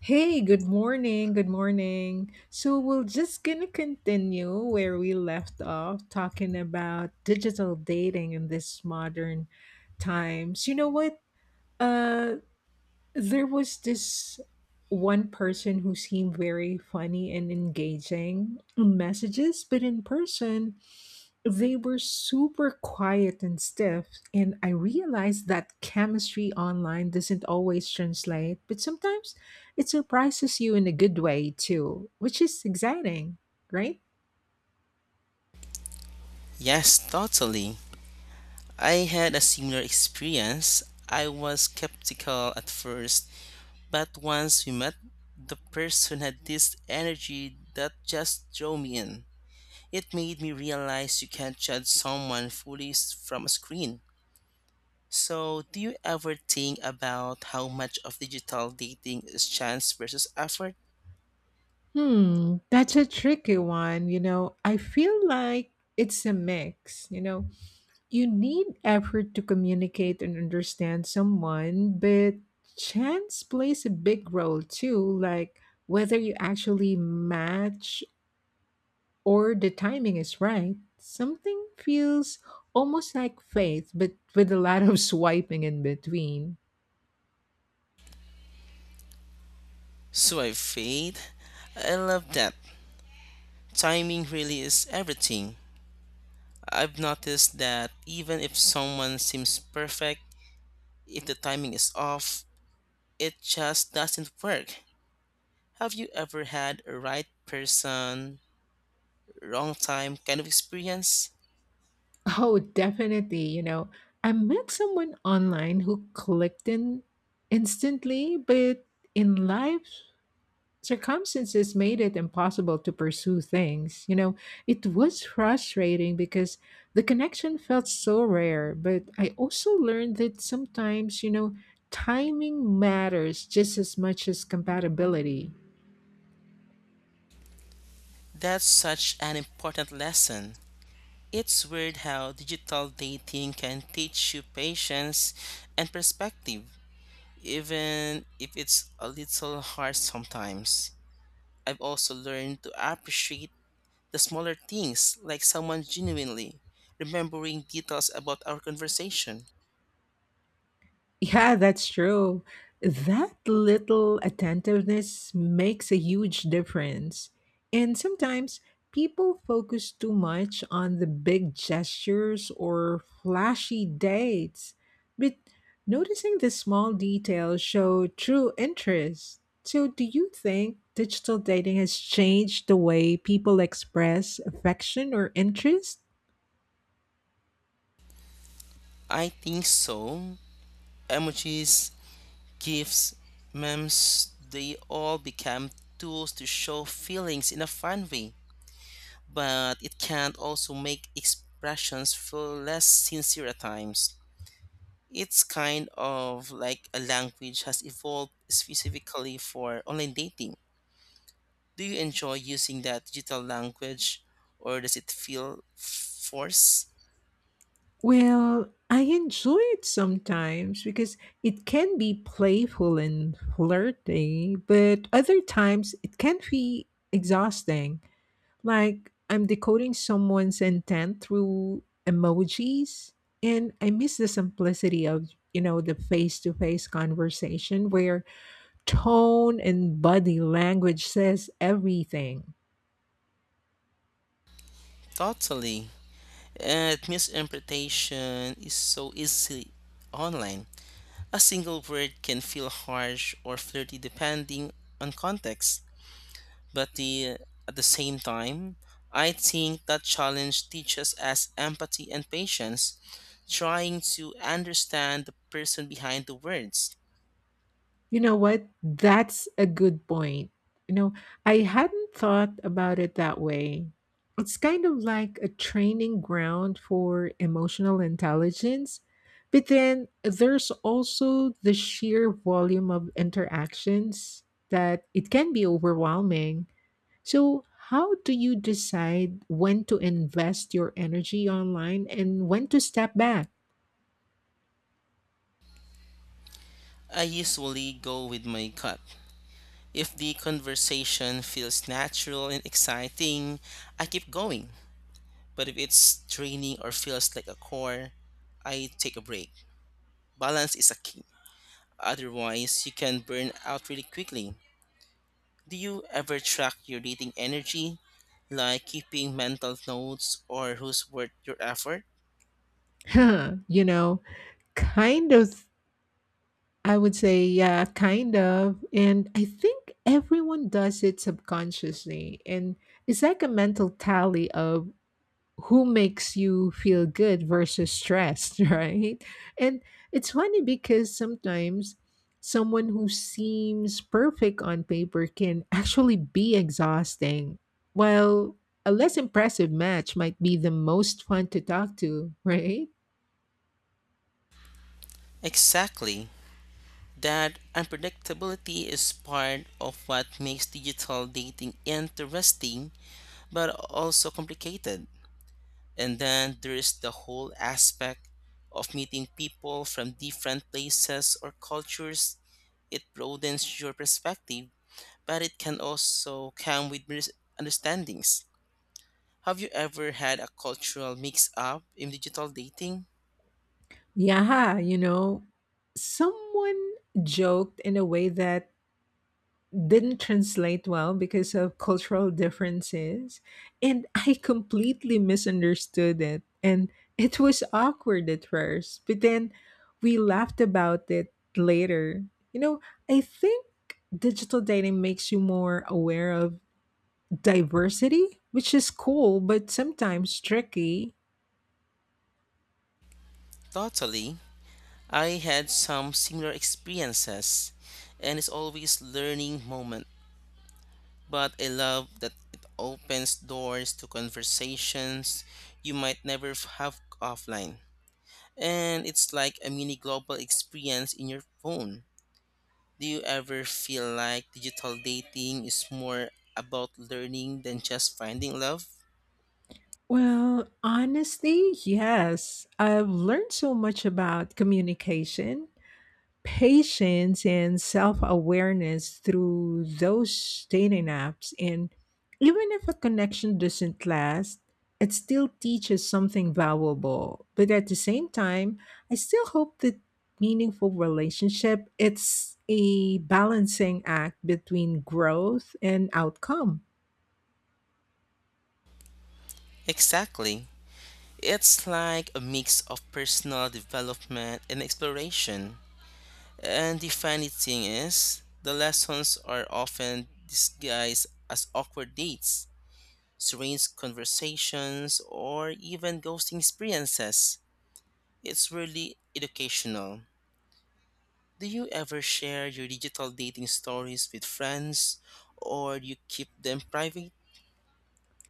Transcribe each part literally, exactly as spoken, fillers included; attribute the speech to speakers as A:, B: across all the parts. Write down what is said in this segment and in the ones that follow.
A: Hey, good morning. Good morning. So, we're just gonna continue where we left off talking about digital dating in this modern times. You know what? Uh there was this one person who seemed very funny and engaging in messages, but in person, they were super quiet and stiff. And I realized that chemistry online doesn't always translate, but sometimes it surprises you in a good way too, which is exciting, right?
B: Yes, totally. I had a similar experience. I was skeptical at first, but once we met, the person had this energy that just drew me in. It made me realize you can't judge someone fully s- from a screen. So, do you ever think about how much of digital dating is chance versus effort?
A: Hmm, that's a tricky one. You know, I feel like it's a mix, you know You need effort to communicate and understand someone, but chance plays a big role too, like whether you actually match or the timing is right. Something feels almost like faith, but with a lot of swiping in between.
B: So I fade. I love that. Timing really is everything. I've noticed that even if someone seems perfect, if the timing is off, it just doesn't work. Have you ever had a right person, wrong time kind of experience?
A: Oh, definitely. You know, I met someone online who clicked in instantly, but in life, circumstances made it impossible to pursue things. You know, it was frustrating because the connection felt so rare, but I also learned that sometimes, you know, timing matters just as much as compatibility.
B: That's such an important lesson. It's weird how digital dating can teach you patience and perspective, even if it's a little hard sometimes. I've also learned to appreciate the smaller things, like someone genuinely remembering details about our conversation.
A: Yeah, that's true. That little attentiveness makes a huge difference. And sometimes people focus too much on the big gestures or flashy dates. But noticing the small details show true interest. So do you think digital dating has changed the way people express affection or interest?
B: I think so. Emojis, GIFs, memes, they all become tools to show feelings in a fun way, but it can also make expressions feel less sincere at times. It's kind of like a language has evolved specifically for online dating. Do you enjoy using that digital language or does it feel forced?
A: Well, I enjoy it sometimes because it can be playful and flirty, but other times it can be exhausting. Like I'm decoding someone's intent through emojis, and I miss the simplicity of, you know, the face-to-face conversation where tone and body language says everything.
B: Totally. And misinterpretation is so easy online. A single word can feel harsh or flirty depending on context. But the, at the same time, I think that challenge teaches us empathy and patience, trying to understand the person behind the words.
A: You know what? That's a good point. You know, I hadn't thought about it that way. It's kind of like a training ground for emotional intelligence. But then there's also the sheer volume of interactions that it can be overwhelming. So, how do you decide when to invest your energy online and when to step back?
B: I usually go with my gut. If the conversation feels natural and exciting, I keep going. But if it's draining or feels like a chore, I take a break. Balance is a key. Otherwise, you can burn out really quickly. Do you ever track your dating energy, like keeping mental notes or who's worth your effort?
A: you know, Kind of. I would say, yeah, kind of. And I think everyone does it subconsciously. And it's like a mental tally of who makes you feel good versus stressed, right? And it's funny because sometimes someone who seems perfect on paper can actually be exhausting, while a less impressive match might be the most fun to talk to, right?
B: Exactly. That unpredictability is part of what makes digital dating interesting but also complicated. And then there is the whole aspect of meeting people from different places or cultures. It broadens your perspective, but it can also come with misunderstandings. Have you ever had a cultural mix up in digital dating?
A: Yeah, you know, someone joked in a way that didn't translate well because of cultural differences, and I completely misunderstood it. And it was awkward at first, but then we laughed about it later. You know, I think digital dating makes you more aware of diversity, which is cool, but sometimes tricky.
B: Totally. I had some similar experiences, and it's always learning moment. But I love that it opens doors to conversations you might never have offline. And it's like a mini global experience in your phone. Do you ever feel like digital dating is more about learning than just finding love?
A: Well, honestly, yes. I've learned so much about communication, patience, and self awareness through those dating apps. And even if a connection doesn't last, it still teaches something valuable. But at the same time, I still hope that meaningful relationship it's a balancing act between growth and outcome.
B: Exactly. It's like a mix of personal development and exploration. And the funny thing is, the lessons are often disguised as awkward dates, strange conversations, or even ghosting experiences. It's really educational. Do you ever share your digital dating stories with friends or do you keep them private?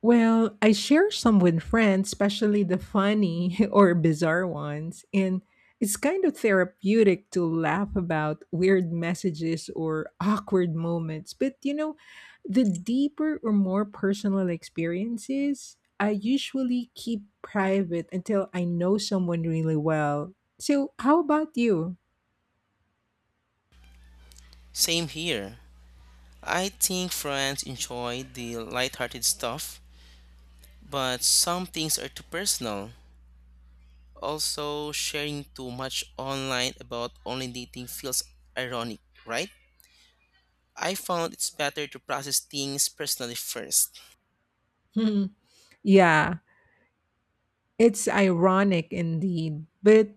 A: Well, I share some with friends, especially the funny or bizarre ones, and it's kind of therapeutic to laugh about weird messages or awkward moments. But you know, the deeper or more personal experiences, I usually keep private until I know someone really well. So, how about you?
B: Same here. I think friends enjoy the lighthearted stuff, but some things are too personal. Also, sharing too much online about online dating feels ironic, right? I found it's better to process things personally first.
A: Yeah. It's ironic indeed, but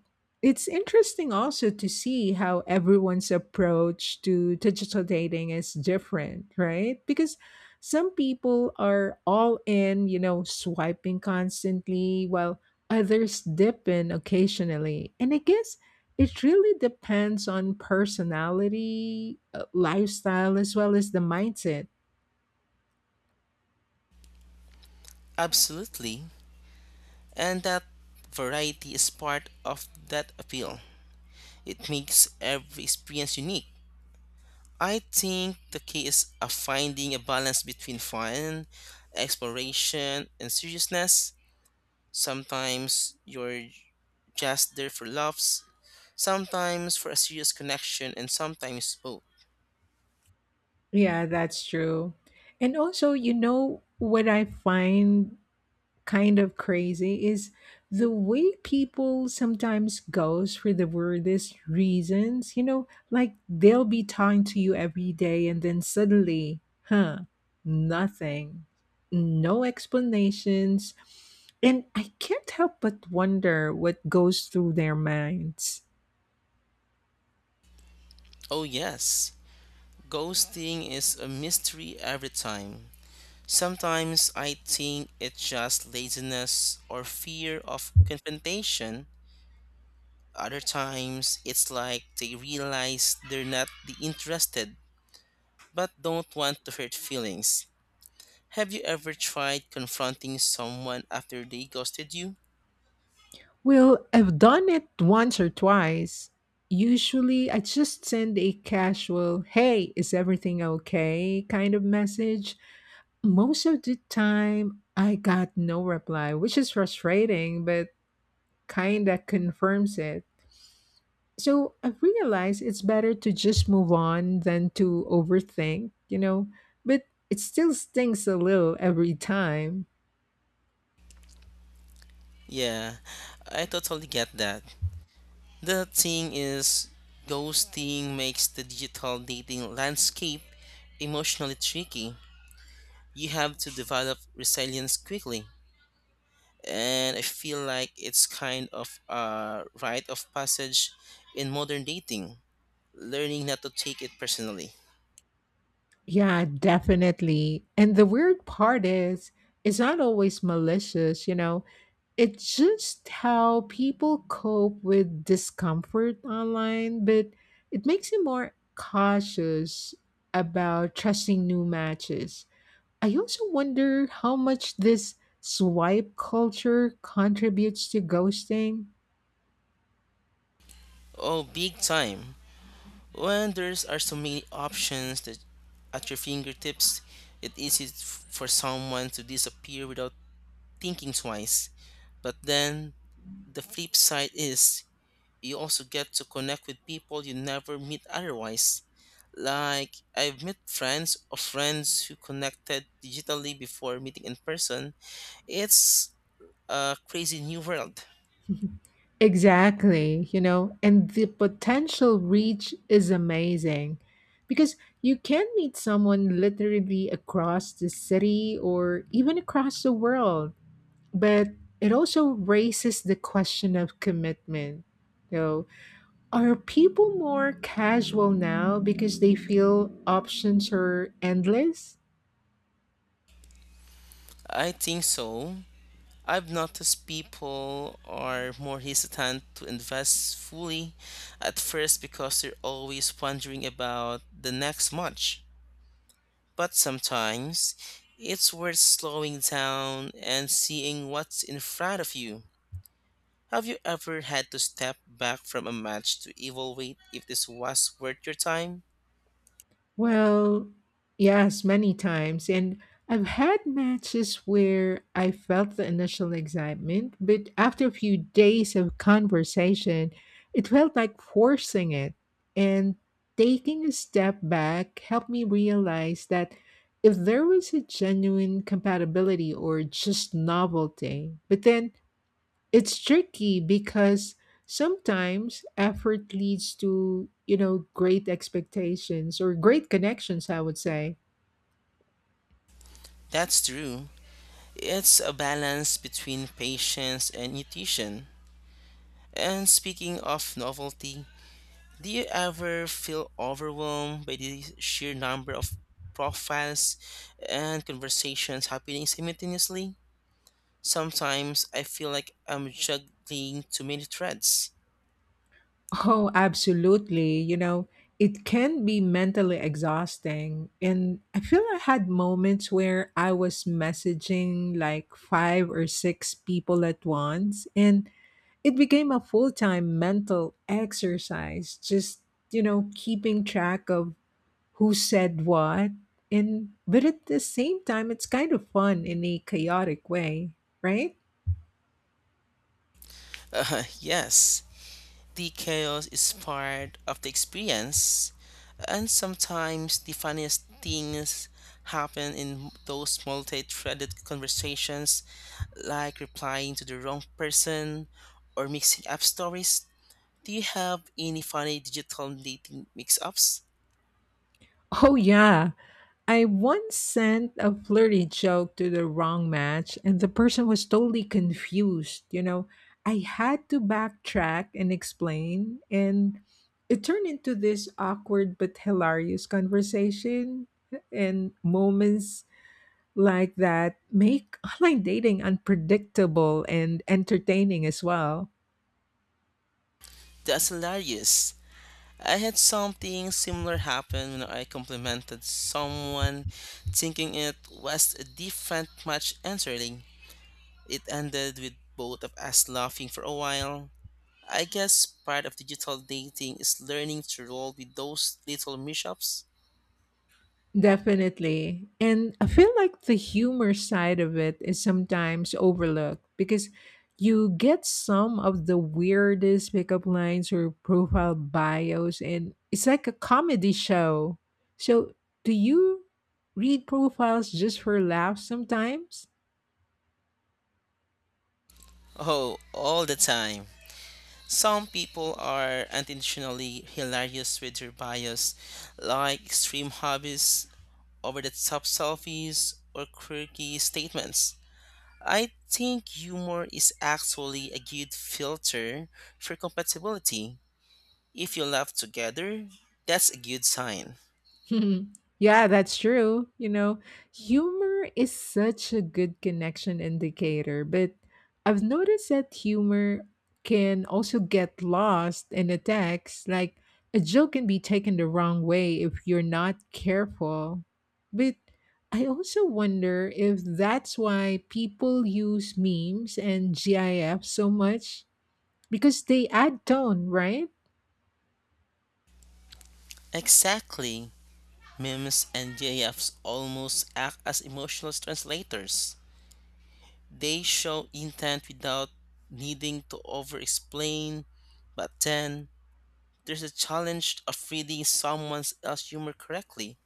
A: it's interesting also to see how everyone's approach to digital dating is different, right? Because some people are all in, you know, swiping constantly, while others dip in occasionally. And I guess it really depends on personality, uh, lifestyle, as well as the mindset.
B: Absolutely. And that variety is part of that appeal. It makes every experience unique. I think the key is uh, finding a balance between fun, exploration, and seriousness. Sometimes you're just there for laughs, sometimes for a serious connection, and sometimes both.
A: Yeah, that's true. And also, you know, what I find kind of crazy is the way people sometimes goes for the weirdest reasons. You know, like they'll be talking to you every day and then suddenly, huh, nothing, no explanations. And I can't help but wonder what goes through their minds.
B: Oh, yes, ghosting is a mystery every time. Sometimes I think it's just laziness or fear of confrontation. Other times it's like they realize they're not the interested but don't want to hurt feelings. Have you ever tried confronting someone after they ghosted you?
A: Well, I've done it once or twice. Usually, I just send a casual, hey, is everything okay kind of message. Most of the time I got no reply, which is frustrating, but kinda confirms it. So I've realized it's better to just move on than to overthink, you know, but it still stings a little every time.
B: Yeah, I totally get that. The thing is, ghosting makes the digital dating landscape emotionally tricky. You have to develop resilience quickly. And I feel like it's kind of a rite of passage in modern dating, learning not to take it personally.
A: Yeah, definitely. And the weird part is, it's not always malicious, you know. It's just how people cope with discomfort online, but it makes you more cautious about trusting new matches. I also wonder how much this swipe culture contributes to ghosting.
B: Oh, big time. When there's are so many options that at your fingertips, it's easy f- for someone to disappear without thinking twice. But then the flip side is you also get to connect with people you never meet otherwise. Like I've met friends or friends who connected digitally before meeting in person. It's a crazy new world.
A: Exactly, you know, and the potential reach is amazing because you can meet someone literally across the city or even across the world. But it also raises the question of commitment. So, are people more casual now because they feel options are endless?
B: I think so. I've noticed people are more hesitant to invest fully at first because they're always wondering about the next much. But sometimes it's worth slowing down and seeing what's in front of you. Have you ever had to step back from a match to evaluate if this was worth your time?
A: Well, yes, many times. And I've had matches where I felt the initial excitement, but after a few days of conversation, it felt like forcing it. And taking a step back helped me realize that if there was a genuine compatibility or just novelty, but then it's tricky because sometimes effort leads to, you know, great expectations or great connections, I would say.
B: That's true. It's a balance between patience and intuition. And speaking of novelty, do you ever feel overwhelmed by the sheer number of profiles and conversations happening simultaneously? Sometimes I feel like I'm juggling too many threads.
A: Oh, absolutely. You know, it can be mentally exhausting. And I feel I had moments where I was messaging like five or six people at once, and it became a full time mental exercise, just, you know, keeping track of who said what and but at the same time it's kind of fun in a chaotic way, right?
B: Uh, yes, the chaos is part of the experience, and sometimes the funniest things happen in those multi threaded conversations, like replying to the wrong person or mixing up stories. Do you have any funny digital dating mix-ups?
A: Oh, yeah, I once sent a flirty joke to the wrong match, and the person was totally confused you know I had to backtrack and explain. And it turned into this awkward but hilarious conversation. And moments like that make online dating unpredictable and entertaining as well.
B: That's hilarious. I had something similar happen when I complimented someone thinking it was a different match entirely. It ended with both of us laughing for a while. I guess part of digital dating is learning to roll with those little mishaps.
A: Definitely. And I feel like the humor side of it is sometimes overlooked because you get some of the weirdest pickup lines or profile bios, and it's like a comedy show. So, do you read profiles just for laughs sometimes?
B: Oh, all the time. Some people are unintentionally hilarious with their bias, like extreme hobbies, over the top selfies, or quirky statements. I think humor is actually a good filter for compatibility. If you laugh together, that's a good sign.
A: Yeah, that's true. You know, humor is such a good connection indicator, but I've noticed that humor can also get lost in a text. Like, a joke can be taken the wrong way if you're not careful. But I also wonder if that's why people use memes and GIFs so much because they add tone, right?
B: Exactly. Memes and GIFs almost act as emotional translators. They show intent without needing to over explain, but then there's a challenge of reading someone else's humor correctly.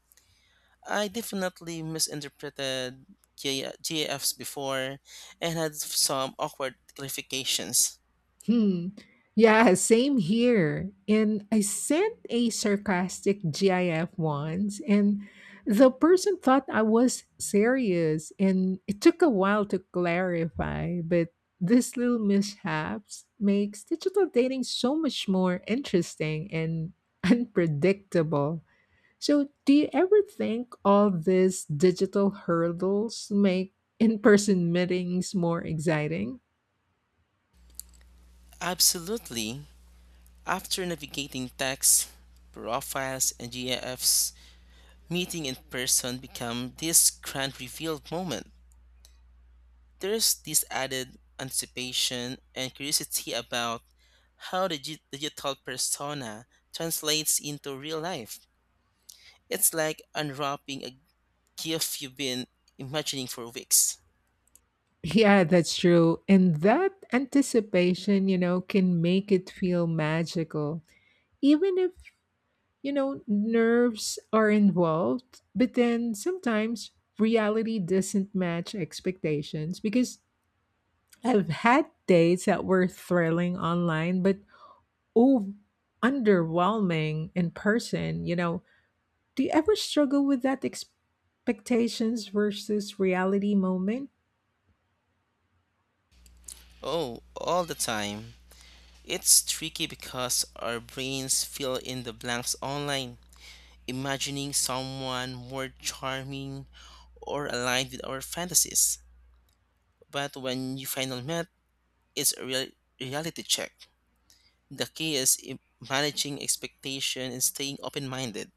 B: I definitely misinterpreted J- JFs before and had some awkward clarifications.
A: Hmm. Yeah, same here. And I sent a sarcastic GIF once, and the person thought I was serious, and it took a while to clarify. But these little mishaps makes digital dating so much more interesting and unpredictable. So, do you ever think all these digital hurdles make in-person meetings more exciting?
B: Absolutely. After navigating texts, profiles, and GIFs, meeting in person become this grand revealed moment. There's this added anticipation and curiosity about how the gi- digital persona translates into real life. It's like unwrapping a gift you've been imagining for weeks.
A: Yeah, that's true. And that anticipation, you know, can make it feel magical, even if, you know, nerves are involved. But then sometimes reality doesn't match expectations because I've had dates that were thrilling online, but oh, underwhelming in person. You know, do you ever struggle with that expectations versus reality moment?
B: Oh, all the time. It's tricky because our brains fill in the blanks online, imagining someone more charming or aligned with our fantasies. But when you finally met, it's a real reality check. The key is i- managing expectation and staying open minded.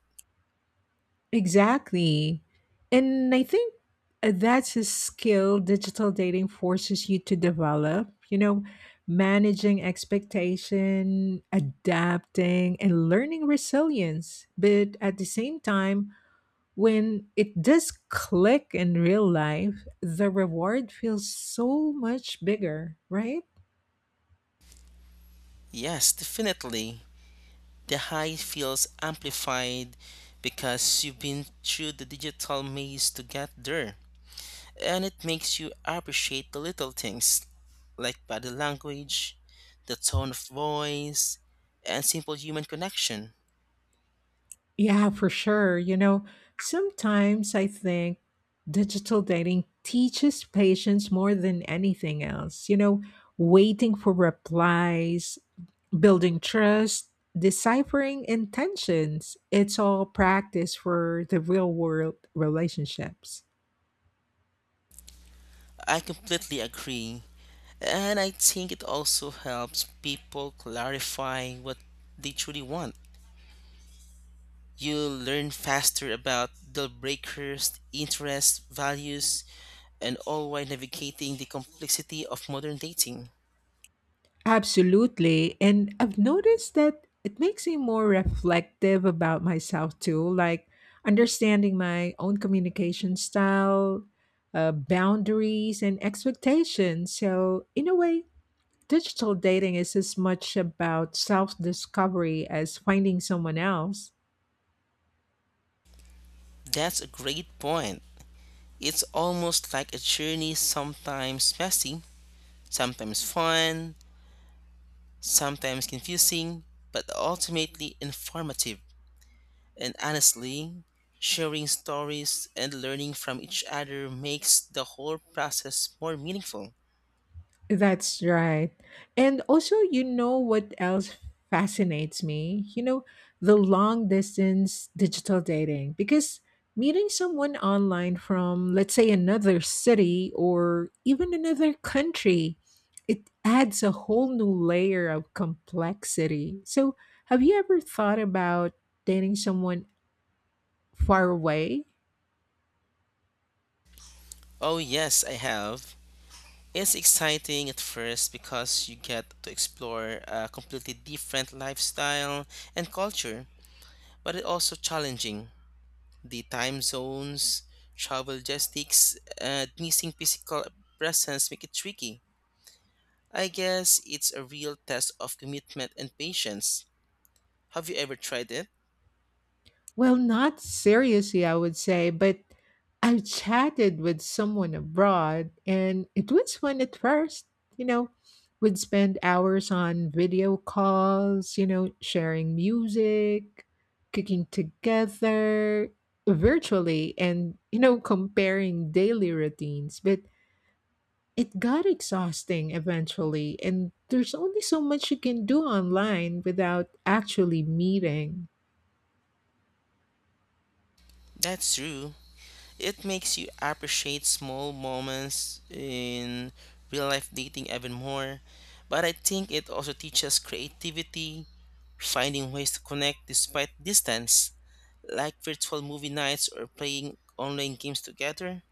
A: Exactly. And I think uh, that's a skill digital dating forces you to develop, you know, managing expectation, adapting and learning resilience. But at the same time, when it does click in real life, the reward feels so much bigger, right?
B: Yes, definitely. The high feels amplified because you've been through the digital maze to get there. And it makes you appreciate the little things like body language, the tone of voice, and simple human connection.
A: Yeah, for sure. You know, sometimes I think digital dating teaches patience more than anything else. You know, waiting for replies, building trust, deciphering intentions. It's all practice for the real world relationships.
B: I completely agree. And I think it also helps people clarify what they truly want. You'll learn faster about deal breakers, interests, values, and all while navigating the complexity of modern dating.
A: Absolutely. And I've noticed that it makes me more reflective about myself too, like understanding my own communication style, uh, boundaries, and expectations. So, in a way, digital dating is as much about self discovery as finding someone else.
B: That's a great point. It's almost like a journey, sometimes messy, sometimes fun, sometimes confusing, but ultimately informative. And honestly, sharing stories and learning from each other makes the whole process more meaningful.
A: That's right. And also, you know what else fascinates me? You know, the long distance digital dating, because meeting someone online from, let's say, another city or even another country, it adds a whole new layer of complexity. So, have you ever thought about dating someone far away?
B: Oh, yes, I have. It's exciting at first because you get to explore a completely different lifestyle and culture, but it's also challenging. The time zones, travel logistics, and missing physical presence make it tricky. I guess it's a real test of commitment and patience. Have you ever tried it?
A: Well, not seriously, I would say, but I chatted with someone abroad and it was fun at first. You know, We'd spend hours on video calls, you know, sharing music, cooking together virtually, and, you know, comparing daily routines. But it got exhausting eventually, and there's only so much you can do online without actually meeting.
B: That's true. It makes you appreciate small moments in real life dating even more. But I think it also teaches creativity, finding ways to connect despite distance, like virtual movie nights or playing online games together.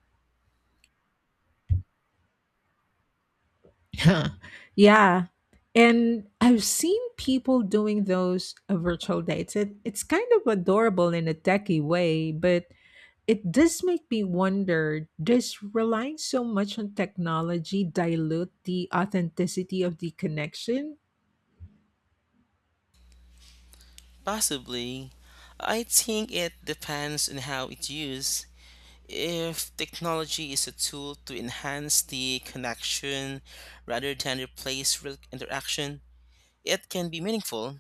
A: Yeah. And I've seen people doing those uh, virtual dates. It, it's kind of adorable in a techie way, but it does make me wonder does relying so much on technology dilute the authenticity of the connection?
B: Possibly. I think it depends on how it's used. If technology is a tool to enhance the connection rather than replace real interaction, it can be meaningful.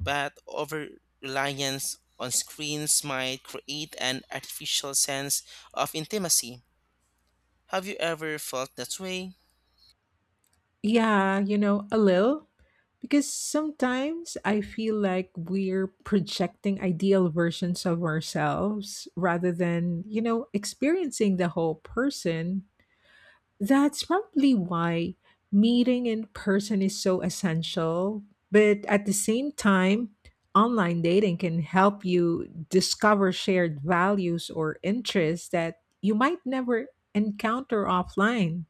B: But over reliance on screens might create an artificial sense of intimacy. Have you ever felt that way?
A: Yeah, you know, a little. Because sometimes I feel like we're projecting ideal versions of ourselves rather than, you know, experiencing the whole person. That's probably why meeting in person is so essential. But at the same time, online dating can help you discover shared values or interests that you might never encounter offline.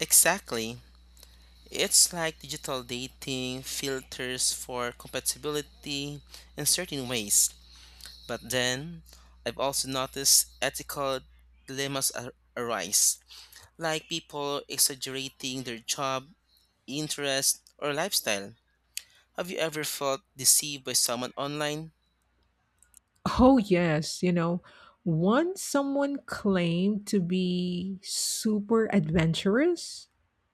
B: Exactly. It's like digital dating filters for compatibility in certain ways. But then, I've also noticed ethical dilemmas ar- arise, like people exaggerating their job, interest, or lifestyle. Have you ever felt deceived by someone online?
A: Oh, yes. You know, once someone claimed to be super adventurous.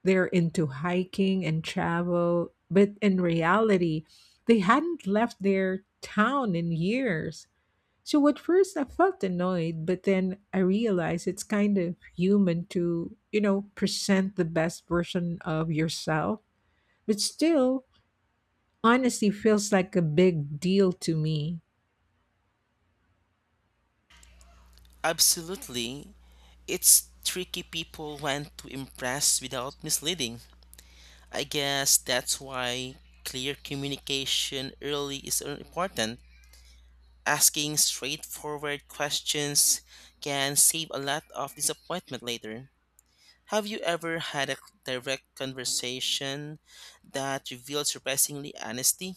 A: They're into hiking and travel, but in reality, they hadn't left their town in years. So at first I felt annoyed, but then I realized it's kind of human to, you know, present the best version of yourself. But still, honesty feels like a big deal to me.
B: Absolutely. It's tricky people want to impress without misleading. I guess that's why clear communication early is so important. Asking straightforward questions can save a lot of disappointment later. Have you ever had a direct conversation that revealed surprisingly honesty?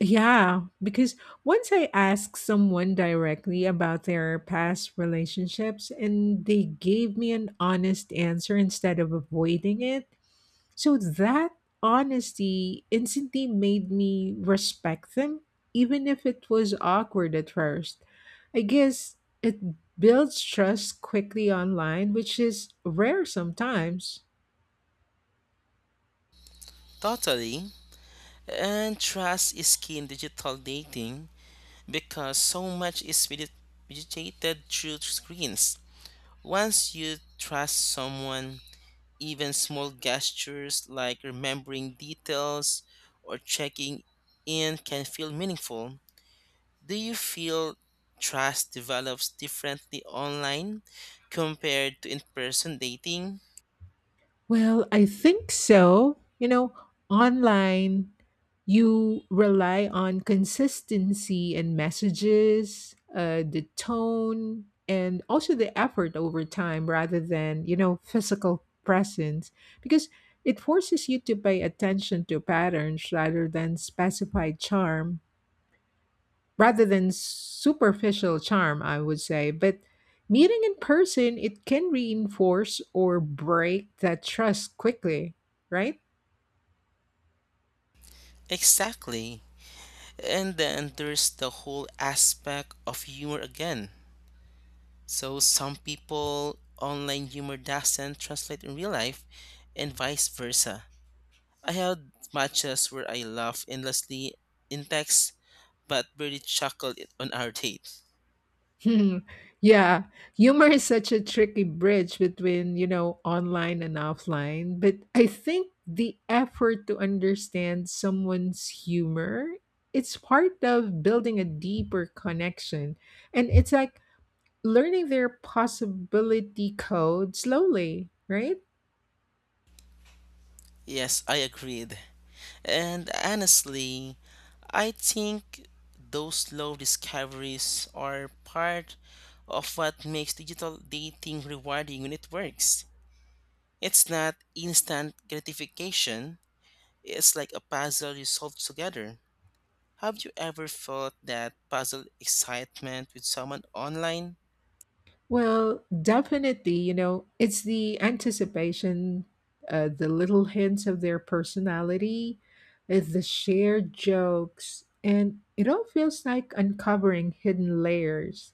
A: Yeah, because once I asked someone directly about their past relationships and they gave me an honest answer instead of avoiding it, so that honesty instantly made me respect them, even if it was awkward at first. I guess it builds trust quickly online, which is rare sometimes.
B: Totally. And trust is key in digital dating, because so much is mediated through screens. Once you trust someone, even small gestures like remembering details or checking in can feel meaningful. Do you feel trust develops differently online compared to in person dating?
A: Well, I think so. You know, online, you rely on consistency and messages, uh, the tone, and also the effort over time rather than, you know, physical presence because it forces you to pay attention to patterns rather than specified charm rather than superficial charm, I would say. But meeting in person, it can reinforce or break that trust quickly, right?
B: Exactly. And then there's the whole aspect of humor again. So some people online humor doesn't translate in real life and vice versa. I had matches where I laughed endlessly in text but barely chuckled it on our date.
A: Yeah, humor is such a tricky bridge between, you know, online and offline. But I think the effort to understand someone's humor, it's part of building a deeper connection. And it's like learning their possibility code slowly, right?
B: Yes, I agreed. And honestly, I think those slow discoveries are part of what makes digital dating rewarding when it works. It's not instant gratification, it's like a puzzle you solve together. Have you ever felt that puzzled excitement with someone online?
A: Well, definitely, you know, it's the anticipation, uh, the little hints of their personality, uh, the shared jokes, and it all feels like uncovering hidden layers.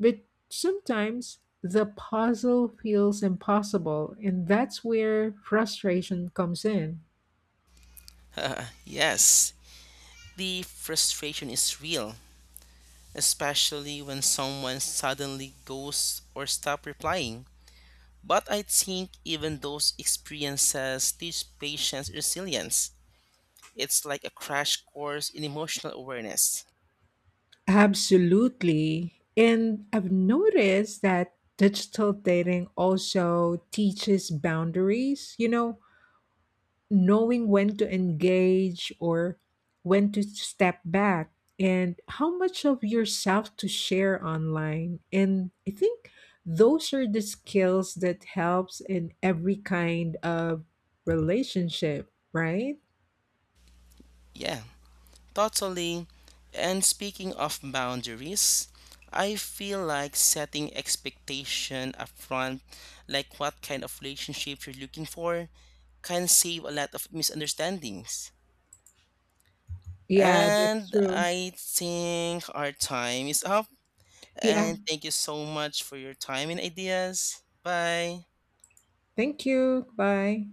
A: But sometimes the puzzle feels impossible, and that's where frustration comes in.
B: Yes, the frustration is real, especially when someone suddenly goes or stops replying. But I think even those experiences teach patience resilience. It's like a crash course in emotional awareness.
A: Absolutely. And I've noticed that digital dating also teaches boundaries. You know, knowing when to engage or when to step back and how much of yourself to share online. And I think those are the skills that helps in every kind of relationship, right?
B: Yeah. Totally. And speaking of boundaries, I feel like setting expectation upfront, like what kind of relationship you're looking for, can save a lot of misunderstandings.
A: Yeah, that's
B: And
A: true.
B: I think our time is up.
A: Yeah,
B: And thank you so much for your time and ideas. Bye.
A: thank you. Bye.